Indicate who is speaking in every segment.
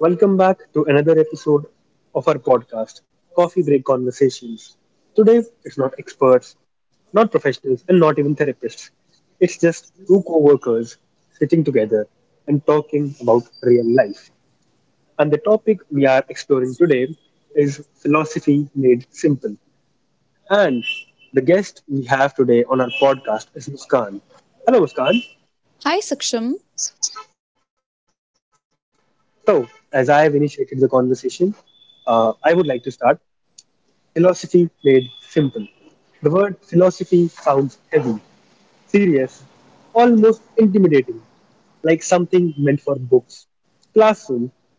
Speaker 1: Welcome back to another episode of our podcast, Coffee Break Conversations. Today, it's not experts, not professionals, and not even therapists. It's just two co workers sitting together and talking about real life. And the topic we are exploring today is philosophy made simple. And the guest we have today on our podcast is Muskan. Hello, Muskan.
Speaker 2: Hi Saksham.
Speaker 1: So, as I have initiated the conversation, I would like to start. Philosophy played simple. The word philosophy sounds heavy, serious, almost intimidating, like something meant for books, classrooms,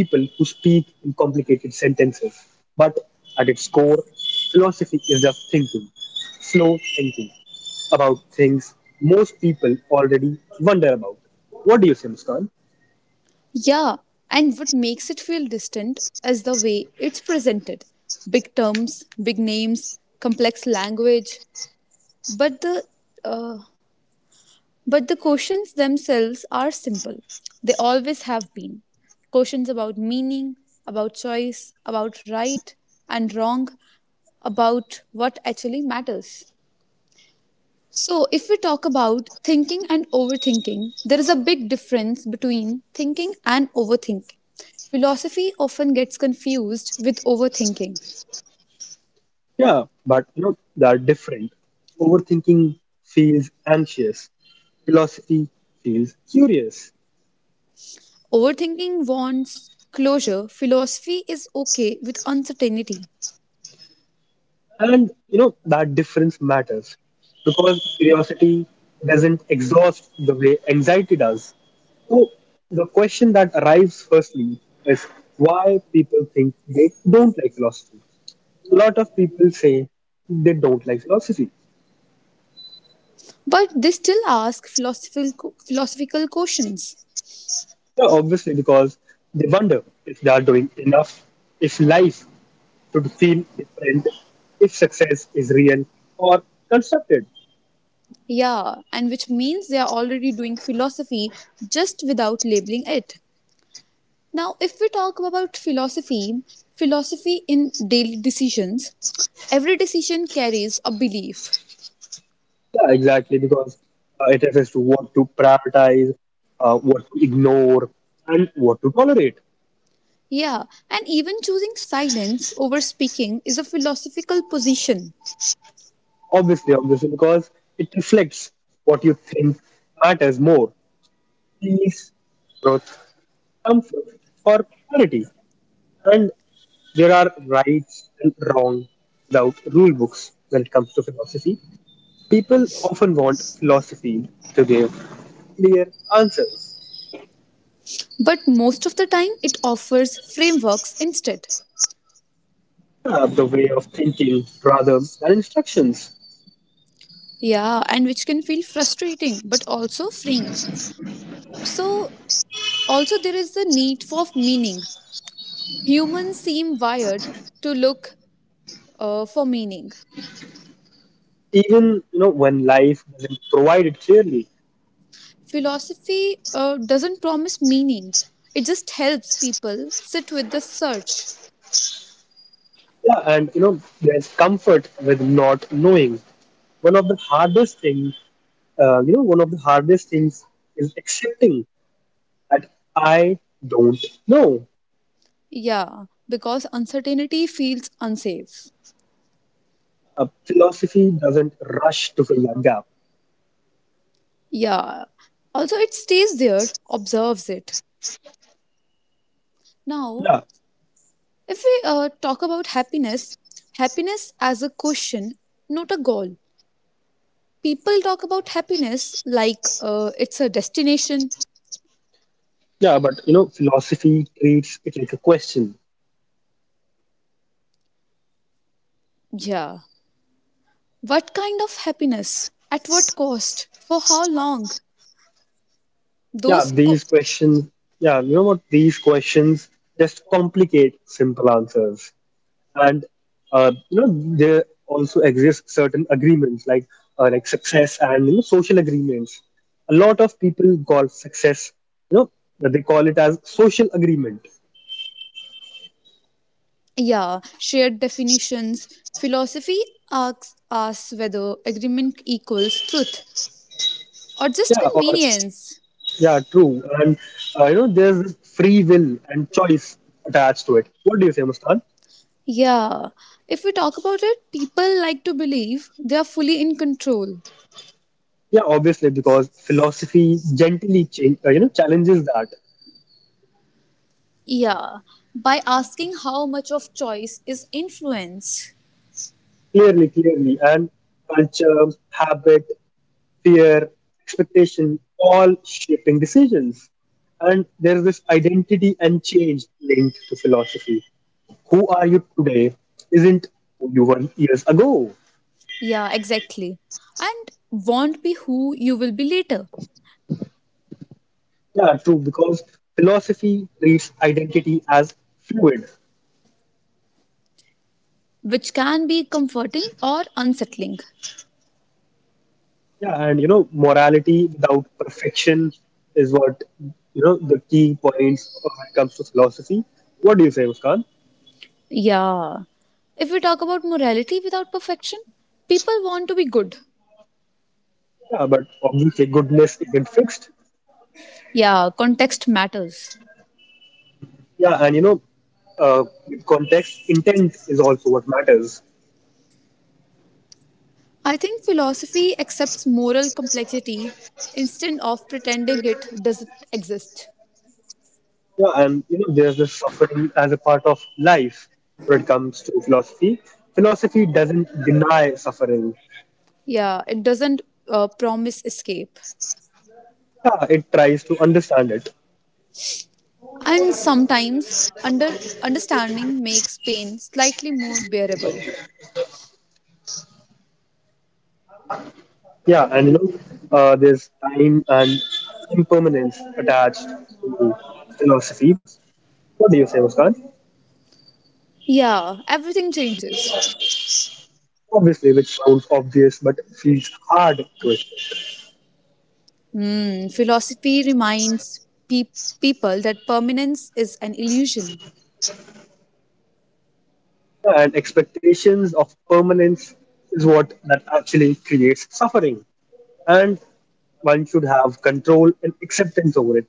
Speaker 1: or people who speak in complicated sentences. But at its core, philosophy is just thinking, slow thinking about things most people already wonder about. What do you say, Muskan?
Speaker 2: Yeah, and what makes it feel distant is the way it's presented. Big terms, big names, complex language, but the uh, but the questions themselves are simple. They always have been. Questions about meaning, about choice, about right and wrong, about what actually matters. So, if we talk about thinking and overthinking, there is a big difference between thinking and overthinking. Philosophy often gets confused with overthinking.
Speaker 1: Yeah, but you know, they are different. Overthinking feels anxious, philosophy feels curious.
Speaker 2: Overthinking wants closure, philosophy is okay with uncertainty.
Speaker 1: And you know, that difference matters because curiosity doesn't exhaust the way anxiety does. So, the question that arrives firstly is why people think they don't like philosophy. A lot of people say they don't like philosophy.
Speaker 2: But they still ask philosophical questions.
Speaker 1: Yeah, obviously, because they wonder if they are doing enough, if life should feel different, if success is real or constructed.
Speaker 2: Yeah, and which means they are already doing philosophy just without labeling it. Now, if we talk about philosophy, philosophy in daily decisions, every decision carries a belief.
Speaker 1: Yeah, exactly, because it refers to what to prioritize, what to ignore, and what to tolerate.
Speaker 2: Yeah, and even choosing silence over speaking is a philosophical position.
Speaker 1: Obviously, obviously, because it reflects what you think matters more: peace, growth, comfort, or clarity. And there are rights and wrong without rule books when it comes to philosophy. People often want philosophy to give clear answers,
Speaker 2: But most of the time, it offers frameworks instead.
Speaker 1: describe the way of thinking rather than instructions.
Speaker 2: Yeah, and which can feel frustrating but also freeing. So, also, there is the need for meaning. Humans seem wired to look for meaning.
Speaker 1: Even you know when life doesn't provide it clearly.
Speaker 2: Philosophy doesn't promise meaning, it just helps people sit with the search.
Speaker 1: Yeah, and you know there's comfort with not knowing. One of the hardest things, you know, one of the hardest things is accepting that I don't know.
Speaker 2: Yeah, because uncertainty feels unsafe.
Speaker 1: Philosophy doesn't rush to fill that gap.
Speaker 2: Yeah, also it stays there, observes it. Now,
Speaker 1: Yeah,
Speaker 2: if we talk about happiness, happiness as a question, not a goal. People talk about happiness like it's a destination.
Speaker 1: yeah, but you know, philosophy treats it like a question.
Speaker 2: Yeah. What kind of happiness? At what cost? For how long?
Speaker 1: Yeah,
Speaker 2: Those co-
Speaker 1: these questions, yeah, you know what? These questions just complicate simple answers. And, you know, there also exist certain agreements, like success and, you know, social agreements. A lot of people call success, you know, they call it as social agreement.
Speaker 2: Yeah, shared definitions. Philosophy asks us whether agreement equals truth or just
Speaker 1: Yeah, or,
Speaker 2: convenience.
Speaker 1: yeah, true. And, you know, there's this free will and choice attached to it. What do you say, Mustan?
Speaker 2: Yeah, if we talk about it, people like to believe they are fully in control.
Speaker 1: Yeah, obviously, because philosophy gently you know, challenges that.
Speaker 2: Yeah, by asking how much of choice is influence.
Speaker 1: Clearly, clearly. And culture, habit, fear, expectation, all shaping decisions. And there's this identity and change linked to philosophy. Who are you today isn't who you were years ago.
Speaker 2: Yeah, exactly. And won't be who you will be later,
Speaker 1: Yeah, true, because philosophy treats identity as fluid.
Speaker 2: which can be comforting or unsettling.
Speaker 1: Yeah, and you know, morality without perfection is what you know the key points when it comes to philosophy. What do you say, Muskan?
Speaker 2: Yeah. If we talk about morality without perfection, people want to be good.
Speaker 1: Yeah, but obviously goodness isn't fixed.
Speaker 2: Yeah, context matters.
Speaker 1: Yeah, and you know, with context, intent is also what matters.
Speaker 2: I think philosophy accepts moral complexity instead of pretending it doesn't exist.
Speaker 1: Yeah, and you know, there's this suffering as a part of life when it comes to philosophy. Philosophy doesn't deny suffering.
Speaker 2: Yeah, it doesn't promise escape.
Speaker 1: Yeah, it tries to understand it.
Speaker 2: And sometimes under understanding makes pain slightly more bearable.
Speaker 1: Yeah, and you know, there's time and impermanence attached to philosophy. What do you say, Muskan?
Speaker 2: Yeah, everything changes.
Speaker 1: Obviously, which sounds obvious but feels hard to it.
Speaker 2: Hmm, philosophy reminds people that permanence is an illusion.
Speaker 1: And expectations of permanence is what that actually creates suffering, and one should have control and acceptance over it.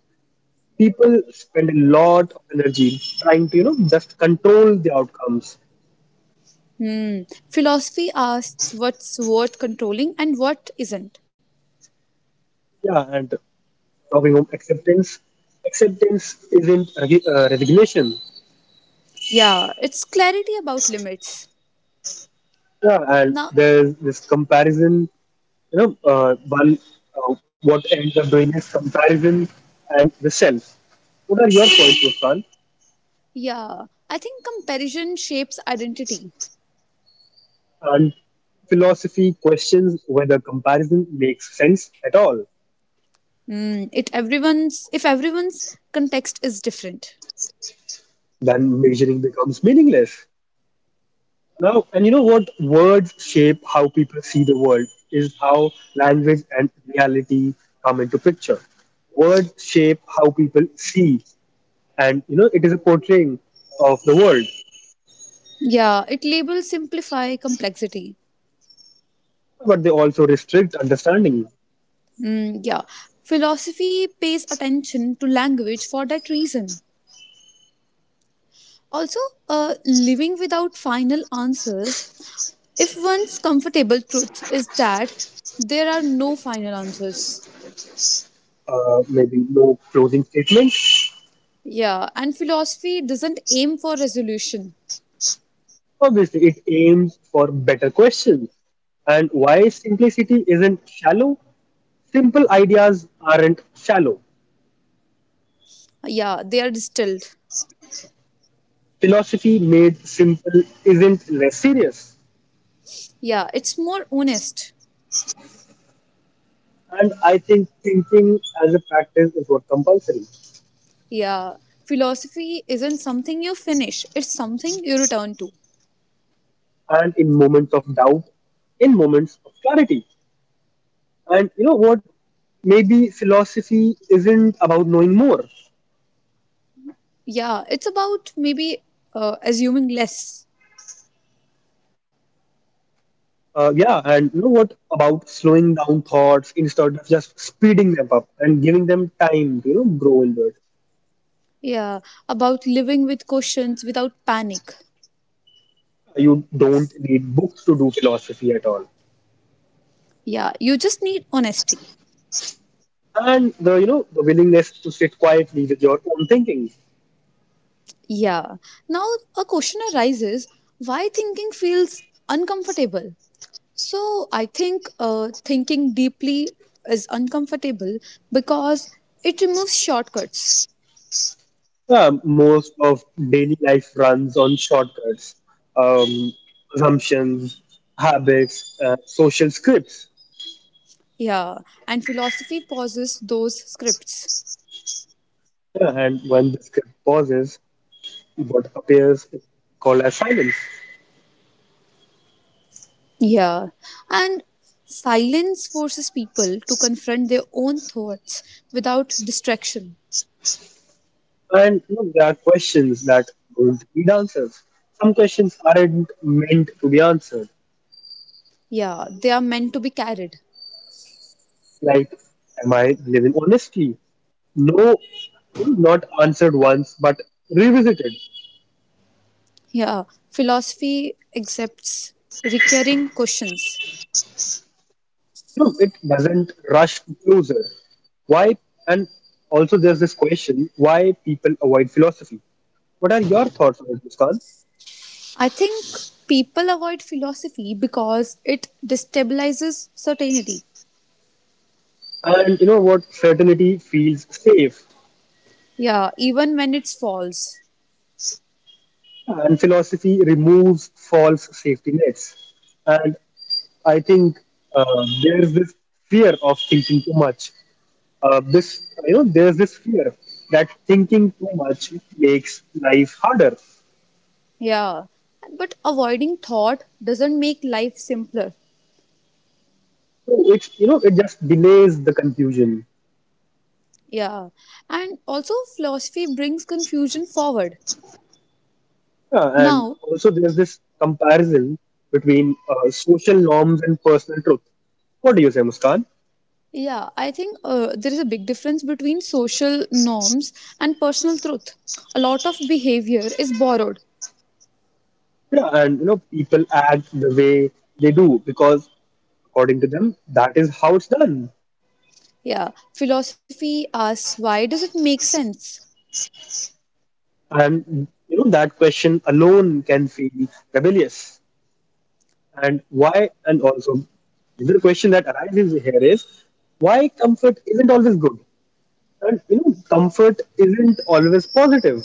Speaker 1: People spend a lot of energy trying to you know just control the outcomes.
Speaker 2: Hmm. Philosophy asks what's worth controlling and what isn't.
Speaker 1: Yeah, and talking of acceptance, acceptance isn't resignation.
Speaker 2: Yeah, it's clarity about limits.
Speaker 1: Yeah, and
Speaker 2: Now,
Speaker 1: there's this comparison. You know, one, what ends up doing is comparison and the self. What are your points, Muskan?
Speaker 2: yeah, I think comparison shapes identity.
Speaker 1: And philosophy questions whether comparison makes sense at all.
Speaker 2: Hmm. It everyone's if everyone's context is different.
Speaker 1: Then measuring becomes meaningless. Now, and you know what? Words shape how people see the world, is how language and reality come into picture. Words shape how people see, and you know, it is a portraying of the world,
Speaker 2: Yeah, it labels simplify complexity.
Speaker 1: but they also restrict understanding.
Speaker 2: Hmm. Yeah, philosophy pays attention to language for that reason. Also, living without final answers, if one's comfortable truth is that there are no final answers.
Speaker 1: Maybe no closing statements.
Speaker 2: Yeah, and philosophy doesn't aim for resolution.
Speaker 1: Obviously, it aims for better questions. And why simplicity isn't shallow? Simple ideas aren't shallow.
Speaker 2: Yeah, they are distilled.
Speaker 1: Philosophy made simple isn't less serious.
Speaker 2: Yeah, it's more honest.
Speaker 1: And I think thinking as a practice is what compulsory.
Speaker 2: Yeah, philosophy isn't something you finish, it's something you return to.
Speaker 1: And in moments of doubt, in moments of clarity. And you know what? Maybe philosophy isn't about knowing more.
Speaker 2: Yeah, it's about maybe assuming less.
Speaker 1: Yeah, and you know what about slowing down thoughts instead of just speeding them up and giving them time to you know grow inward.
Speaker 2: Yeah, about living with questions without panic.
Speaker 1: You don't need books to do philosophy at all,
Speaker 2: Yeah, you just need honesty.
Speaker 1: and the you know the willingness to sit quietly with your own thinking.
Speaker 2: Yeah. Now a question arises, why thinking feels uncomfortable? So I think thinking deeply is uncomfortable because it removes shortcuts.
Speaker 1: Most of daily life runs on shortcuts, um, assumptions, habits, social scripts.
Speaker 2: Yeah. And philosophy pauses those scripts.
Speaker 1: Yeah, and when the script pauses, what appears is called as silence.
Speaker 2: Yeah. And silence forces people to confront their own thoughts without distraction.
Speaker 1: And look, there are questions that don't need answers. Some questions aren't meant to be answered.
Speaker 2: Yeah. They are meant to be carried.
Speaker 1: Like, am I living honestly? No, not answered once, but revisited.
Speaker 2: Yeah. Philosophy accepts recurring questions.
Speaker 1: No, it doesn't rush to closure. Why? And also, there's this question: why people avoid philosophy? What are your thoughts on it, Muskan?
Speaker 2: I think people avoid philosophy because it destabilizes certainty.
Speaker 1: And you know what? Certainty feels safe,
Speaker 2: Yeah, even when it's false.
Speaker 1: and philosophy removes false safety nets. And I think there's this fear of thinking too much. This you know there's this fear that thinking too much makes life harder.
Speaker 2: Yeah. But avoiding thought doesn't make life simpler.
Speaker 1: So it's you know it just delays the confusion.
Speaker 2: Yeah. And also, philosophy brings confusion forward.
Speaker 1: Yeah, and
Speaker 2: Now,
Speaker 1: also there's this comparison between social norms and personal truth. What do you say, Muskan?
Speaker 2: yeah, I think there is a big difference between social norms and personal truth. A lot of behavior is borrowed.
Speaker 1: Yeah, and you know people act the way they do because according to them that is how it's done.
Speaker 2: Yeah. Philosophy asks, why does it make sense?
Speaker 1: And you know that question alone can feel rebellious. And why, and also, another question that arises here is why comfort isn't always good? And you know, comfort isn't always positive.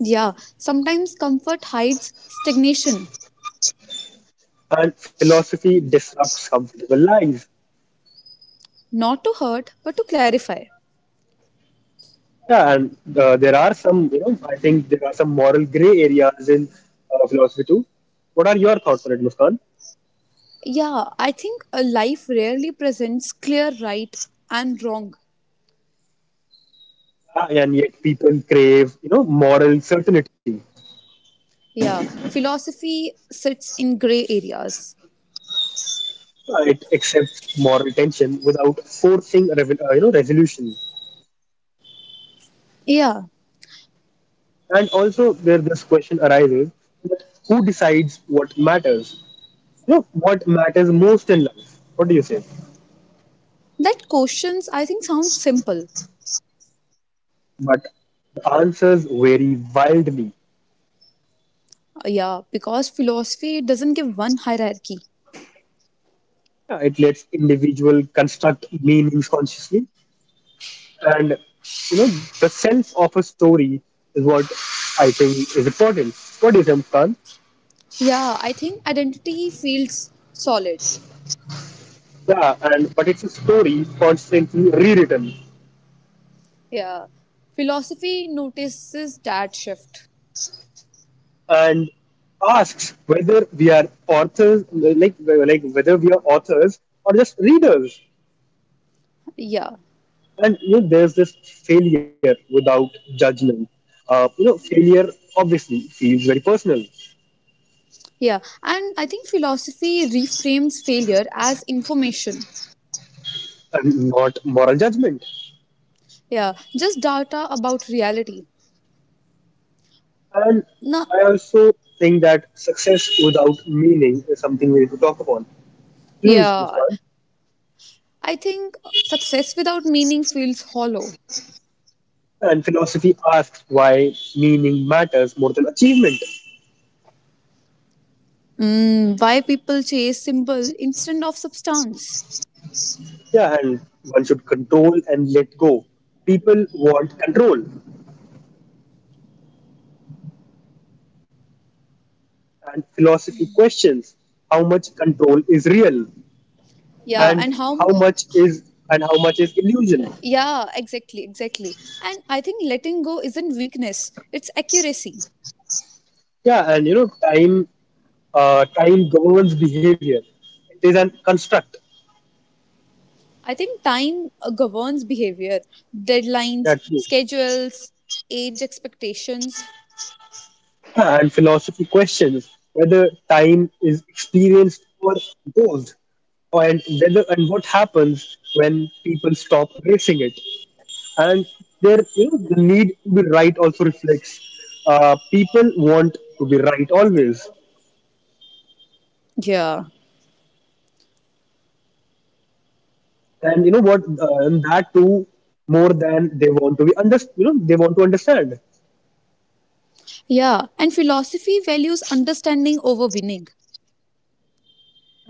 Speaker 2: Yeah, sometimes comfort hides stagnation.
Speaker 1: And philosophy disrupts comfortable lies.
Speaker 2: Not to hurt, but to clarify.
Speaker 1: Yeah, and there are some, you know, I think there are some moral gray areas in philosophy too. What are your thoughts on it, Muskan?
Speaker 2: Yeah, I think a life rarely presents clear right and wrong.
Speaker 1: Yeah, and yet people crave, you know, moral certainty.
Speaker 2: Yeah, philosophy sits in gray areas.
Speaker 1: It accepts moral tension without forcing, you know, resolution.
Speaker 2: Yeah,
Speaker 1: And also, where this question arises, that who decides what matters? You know, what matters most in life? What do you say?
Speaker 2: that questions I think sounds simple.
Speaker 1: But the answers vary wildly.
Speaker 2: Yeah, because philosophy doesn't give one hierarchy.
Speaker 1: Yeah, it lets individual construct meanings consciously, and you know, the sense of a story is what I think is important. What is M Khan?
Speaker 2: Yeah, I think identity feels solid.
Speaker 1: Yeah, and but it's a story constantly rewritten.
Speaker 2: Yeah, philosophy notices that shift.
Speaker 1: And asks whether we are authors, like whether we are authors or just readers.
Speaker 2: Yeah.
Speaker 1: And you know, there's this failure without judgment. You know, failure obviously feels very personal
Speaker 2: Yeah, and I think philosophy reframes failure as information.
Speaker 1: and not moral judgment.
Speaker 2: Yeah, just data about reality.
Speaker 1: And
Speaker 2: Nah.
Speaker 1: I also think that success without meaning is something we need to talk upon. Please,
Speaker 2: Yeah,
Speaker 1: Muskan.
Speaker 2: I think success without meaning feels hollow.
Speaker 1: And philosophy asks why meaning matters more than achievement.
Speaker 2: Mm, why people chase symbol instead of substance?
Speaker 1: Yeah, and one should control and let go. People want control, and philosophy questions how much control is real
Speaker 2: Yeah,
Speaker 1: and
Speaker 2: and
Speaker 1: how
Speaker 2: how?
Speaker 1: much is how much is illusion.
Speaker 2: Yeah, exactly, exactly. And I think letting go isn't weakness; it's accuracy.
Speaker 1: Yeah, and you know, time governs behavior. It is an construct.
Speaker 2: I think time governs behavior,
Speaker 1: Yeah,
Speaker 2: deadlines,
Speaker 1: true.
Speaker 2: schedules, age expectations.
Speaker 1: Yeah, and philosophy questions whether time is experienced or imposed, and whether and what happens when people stop racing it. And there you know the need to be right also reflects. People want to be right always,
Speaker 2: Yeah.
Speaker 1: and you know what and that too more than they want to be under you know they want to understand.
Speaker 2: Yeah, and philosophy values understanding over winning.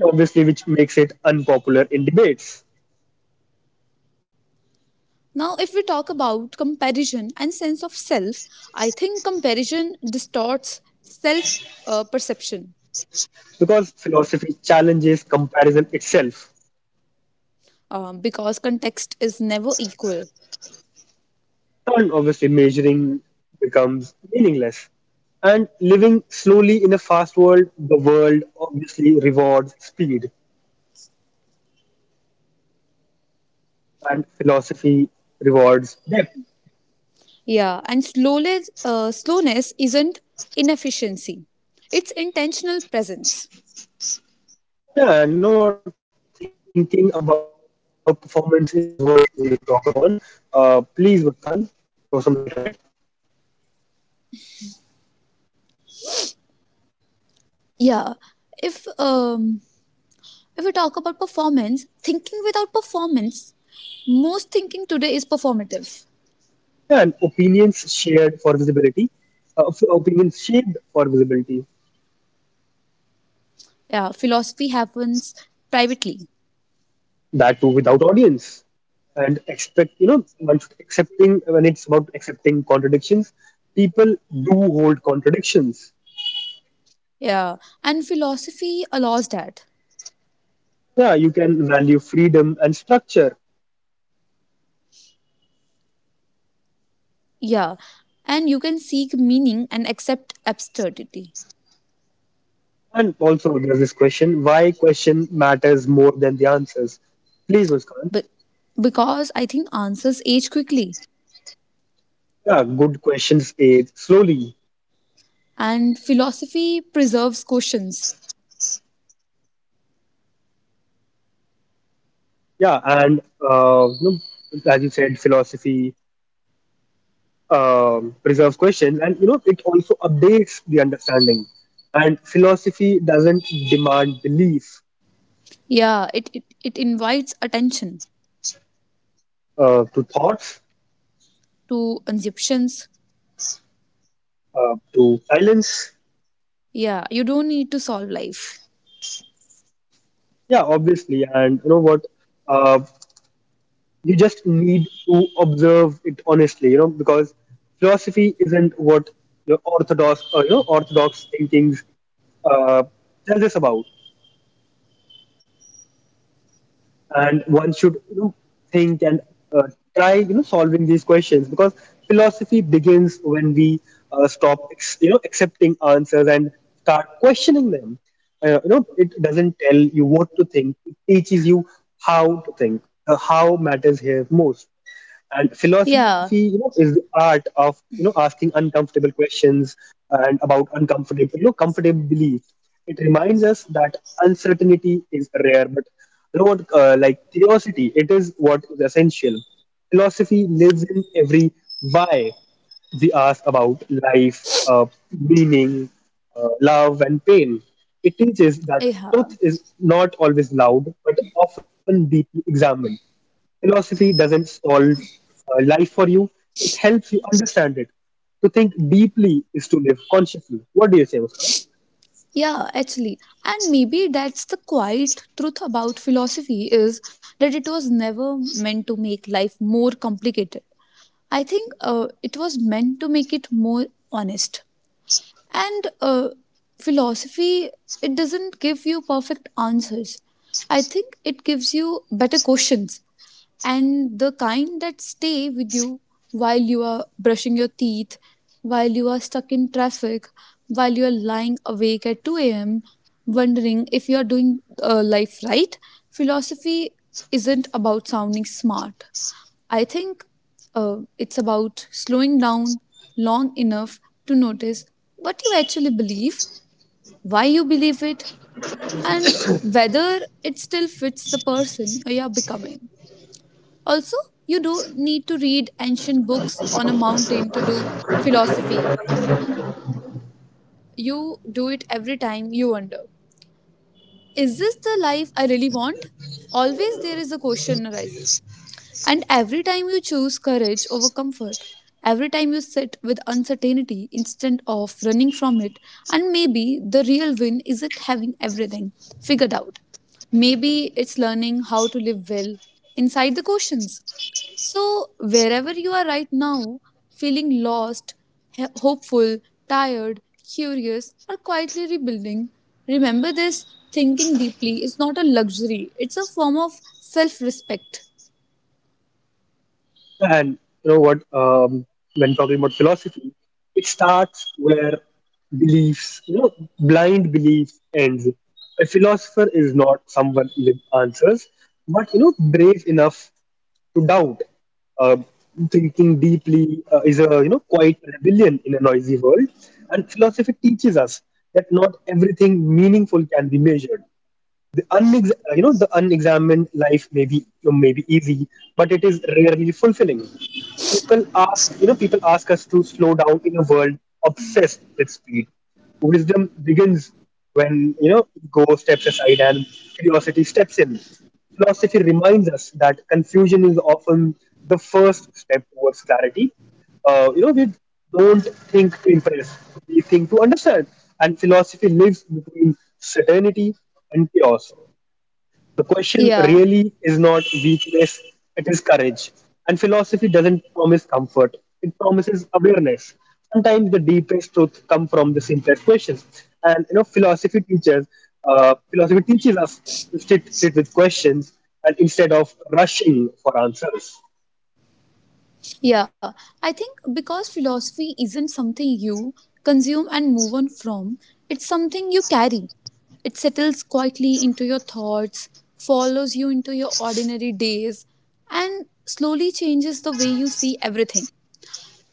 Speaker 1: Obviously, which makes it unpopular in debates
Speaker 2: Now, if we talk about comparison and sense of self, I think comparison distorts self perception,
Speaker 1: because philosophy challenges comparison itself,
Speaker 2: because context is never equal.
Speaker 1: and obviously measuring becomes meaningless. And living slowly in a fast world, the world obviously rewards speed, and philosophy rewards depth.
Speaker 2: Yeah, and slowness isn't inefficiency; it's intentional presence.
Speaker 1: Yeah, no, thinking about performance is what we need to talk upon. Please, Vakal, throw some light on it.
Speaker 2: Yeah, if um, if we talk about performance, thinking without performance, most thinking today is performative.
Speaker 1: Yeah, and opinions shared for visibility. Opinions shaped for visibility.
Speaker 2: Yeah, philosophy happens privately.
Speaker 1: That too without audience. And expect, you know, one should accepting, when it's about accepting contradictions, people do hold contradictions.
Speaker 2: Yeah, and philosophy allows that.
Speaker 1: Yeah, you can value freedom and structure.
Speaker 2: Yeah, and you can seek meaning and accept absurdity.
Speaker 1: And also, there's this question why question matters more than the answers. Please, Muskan.
Speaker 2: But because I think answers age quickly,
Speaker 1: Yeah, good questions, Aid. Slowly.
Speaker 2: and philosophy preserves questions.
Speaker 1: Yeah, and you know, as you said, philosophy preserves questions, and you know, it also updates the understanding. And philosophy doesn't demand belief
Speaker 2: Yeah, it invites attention
Speaker 1: to thoughts,
Speaker 2: to assumptions.
Speaker 1: to silence.
Speaker 2: Yeah, you don't need to solve life.
Speaker 1: Yeah, obviously, and you know what? Uh, you just need to observe it honestly, you know, because philosophy isn't what your orthodox, you know, orthodox thinkings uh, tells us about. And one should you know, think and uh, try you know solving these questions because philosophy begins when we you know accepting answers and start questioning them. You know it doesn't tell you what to think, it teaches you how to think. The how matters here most, and
Speaker 2: Yeah,
Speaker 1: philosophy you know is the art of you know asking uncomfortable questions and about uncomfortable you know comfortable beliefs. It reminds us that uncertainty is rare but you know what like curiosity it is what is essential. Philosophy lives in every why we ask about life, meaning, love, and pain. It teaches that
Speaker 2: yeah.
Speaker 1: truth is not always loud, but often deeply examined. Philosophy doesn't solve life for you, it helps you understand it. To think deeply is to live consciously. What do you say, Muskan?
Speaker 2: Yeah, actually. And maybe that's the quiet truth about philosophy, is that it was never meant to make life more complicated. I think it was meant to make it more honest. And philosophy, it doesn't give you perfect answers. I think it gives you better questions, and the kind that stay with you while you are brushing your teeth, while you are stuck in traffic, while you are lying awake at 2 a.m., wondering if you are doing life right. Philosophy isn't about sounding smart. I think it's about slowing down long enough to notice what you actually believe, why you believe it, and whether it still fits the person you are becoming. Also, you do need to read ancient books on a mountain to do philosophy. You do it every time you wonder, is this the life I really want? Always there is a question arises. And every time you choose courage over comfort, every time you sit with uncertainty instead of running from it, and maybe the real win isn't having everything figured out. Maybe it's learning how to live well inside the questions. So, wherever you are right now, feeling lost, hopeful, tired, curious, or quietly rebuilding, remember this, thinking deeply is not a luxury, it's a form of self respect.
Speaker 1: And you know what? When talking about philosophy, it starts where beliefs, blind beliefs ends. A philosopher is not someone with answers, but brave enough to doubt. Uh, Thinking deeply is a quiet rebellion in a noisy world, and philosophy teaches us that not everything meaningful can be measured. The unexamined life may be easy, but it is rarely fulfilling. People ask us to slow down in a world obsessed with speed. Wisdom begins when ego steps aside and curiosity steps in. Philosophy reminds us that confusion is often the first step towards clarity. We don't think to impress, we think to understand. And philosophy lives between certainty and chaos. The question
Speaker 2: Yeah.
Speaker 1: really is not weakness, it is courage. And philosophy doesn't promise comfort, it promises awareness. Sometimes the deepest truth come from the simplest questions. And philosophy teaches us to sit with questions and instead of rushing for answers.
Speaker 2: Yeah, I think because philosophy isn't something you consume and move on from, it's something you carry. It settles quietly into your thoughts, follows you into your ordinary days, and slowly changes the way you see everything.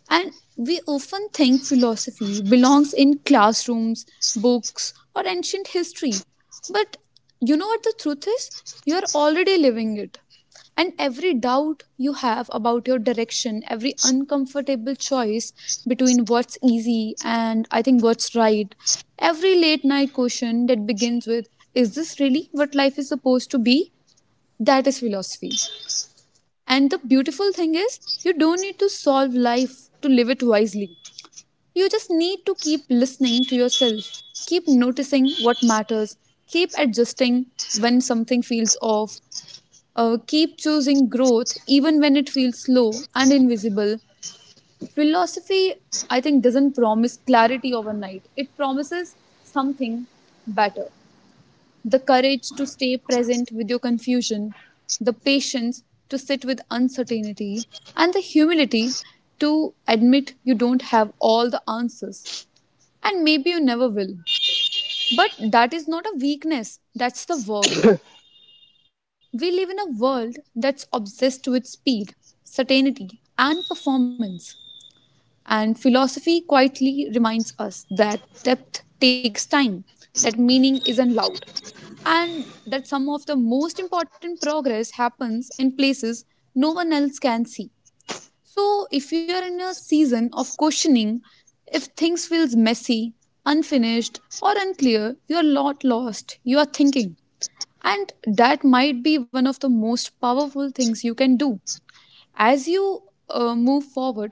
Speaker 2: And we often think philosophy belongs in classrooms, books, or ancient history. But you know what the truth is? You're already living it. And every doubt you have about your direction, every uncomfortable choice between what's easy and I think what's right, every late night question that begins with, is this really what life is supposed to be? That is philosophy. And the beautiful thing is, you don't need to solve life to live it wisely. You just need to keep listening to yourself, keep noticing what matters, keep adjusting when something feels off, keep choosing growth even when it feels slow and invisible. Philosophy, I think, doesn't promise clarity overnight, it promises something better. The courage to stay present with your confusion, the patience to sit with uncertainty, and the humility to admit you don't have all the answers. And maybe you never will. But that is not a weakness, that's the work. We live in a world that's obsessed with speed, certainty, and performance. And philosophy quietly reminds us that depth takes time, that meaning isn't loud, and that some of the most important progress happens in places no one else can see. So if you are in a season of questioning, if things feels messy, unfinished or unclear, you are not lost. You are thinking. And that might be one of the most powerful things you can do. As you move forward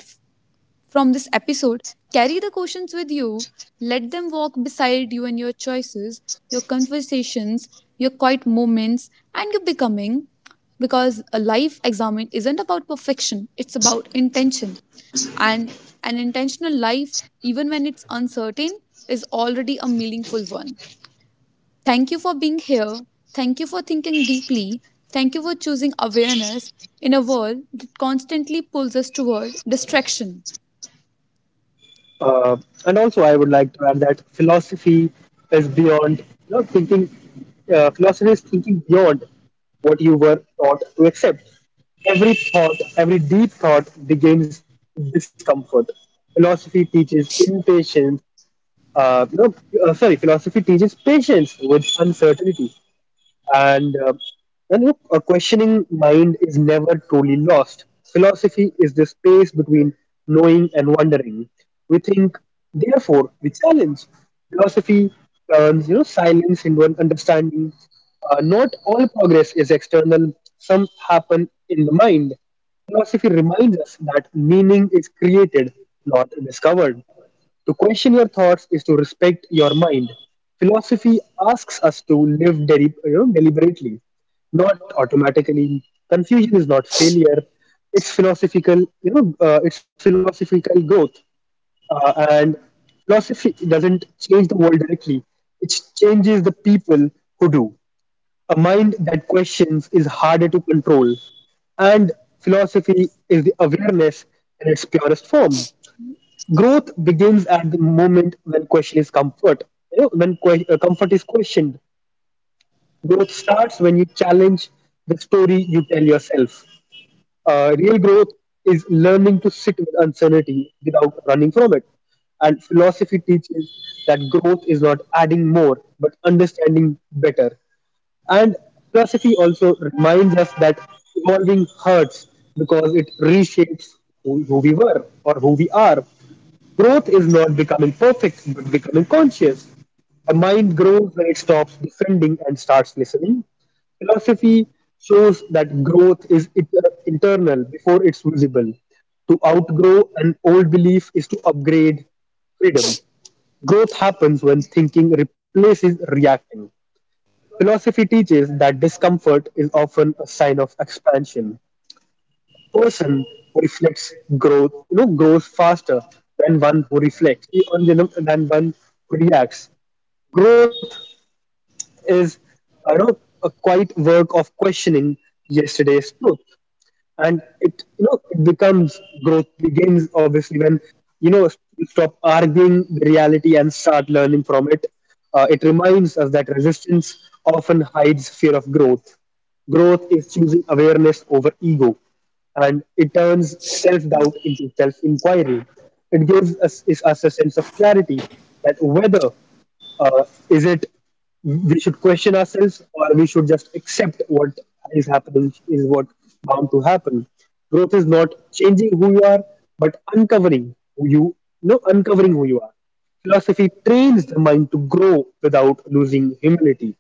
Speaker 2: from this episode, carry the questions with you. Let them walk beside you in your choices, your conversations, your quiet moments, and your becoming. Because a life examined isn't about perfection, it's about intention. And an intentional life, even when it's uncertain, is already a meaningful one. Thank you for being here. Thank you for thinking deeply. Thank you for choosing awareness in a world that constantly pulls us toward distraction.
Speaker 1: Uh, and also, I would like to add that philosophy is beyond thinking. Philosophy is thinking beyond what you were taught to accept. Every thought, every deep thought begins discomfort. Philosophy teaches impatience. Uh, you know, Philosophy teaches patience with uncertainty and a questioning mind is never truly lost. Philosophy is the space between knowing and wondering. We think, therefore, we challenge. Philosophy turns silence into an understanding. Not all progress is external. Some happen in the mind. Philosophy reminds us that meaning is created, not discovered. To question your thoughts is to respect your mind. Philosophy asks us to live deliberately, not automatically. Confusion is not failure. It's philosophical growth. And philosophy doesn't change the world directly. It changes the people who do. A mind that questions is harder to control, and philosophy is the awareness in its purest form. Growth begins at the moment when question is comfort you know when que- comfort is questioned. Growth starts when you challenge the story you tell yourself. Real growth is learning to sit with uncertainty without running from it, and philosophy teaches that growth is not adding more but understanding better. And philosophy also reminds us that evolving hurts because it reshapes who we were or who we are. Growth is not becoming perfect, but becoming conscious. A mind grows when it stops defending and starts listening. Philosophy shows that growth is internal before it's visible. To outgrow an old belief is to upgrade freedom. Growth happens when thinking replaces reacting. Philosophy teaches that discomfort is often a sign of expansion. Person who reflects growth, you know, grows faster than one who reacts. Growth is, a quiet work of questioning yesterday's truth, and it you know it becomes growth begins obviously when you know you stop arguing the reality and start learning from it. It reminds us that resistance often hides fear of growth. Growth is choosing awareness over ego, and it turns self-doubt into self-inquiry. It gives is us a sense of clarity, that whether uh, is it we should question ourselves or we should just accept what is happening is what bound to happen. Growth is not changing who you are, but uncovering who you no uncovering who you are. Philosophy trains the mind to grow without losing humility.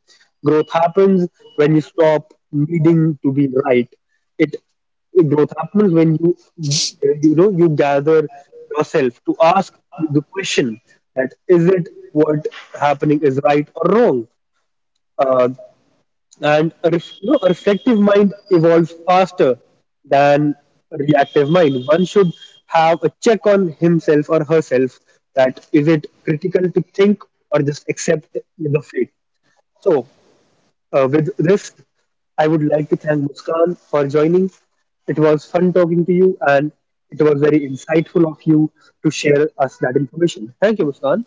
Speaker 1: Growth happens when you stop needing to be right. It Growth happens when you know you gather yourself to ask the question, that is it what happening is right or wrong. Uh, and a, ref, you know, a reflective mind evolves faster than a reactive mind. One should have a check on himself or herself, that is it critical to think or just accept the fate. So with this, I would like to thank Muskan for joining. It was fun talking to you, and it was very insightful of you to share us that information. Thank you, Muskan.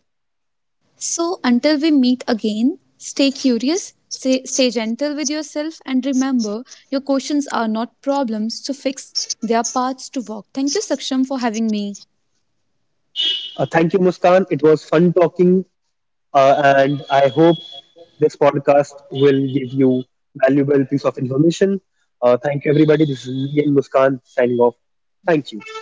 Speaker 2: So, until we meet again, stay curious, stay gentle with yourself, and remember your questions are not problems to fix, they are paths to walk. Thank you, Saksham, for having me.
Speaker 1: Thank you, Muskan. It was fun talking, and I hope this podcast will give you valuable piece of information. Thank you, everybody. This is me and Muskan signing off. Thank you.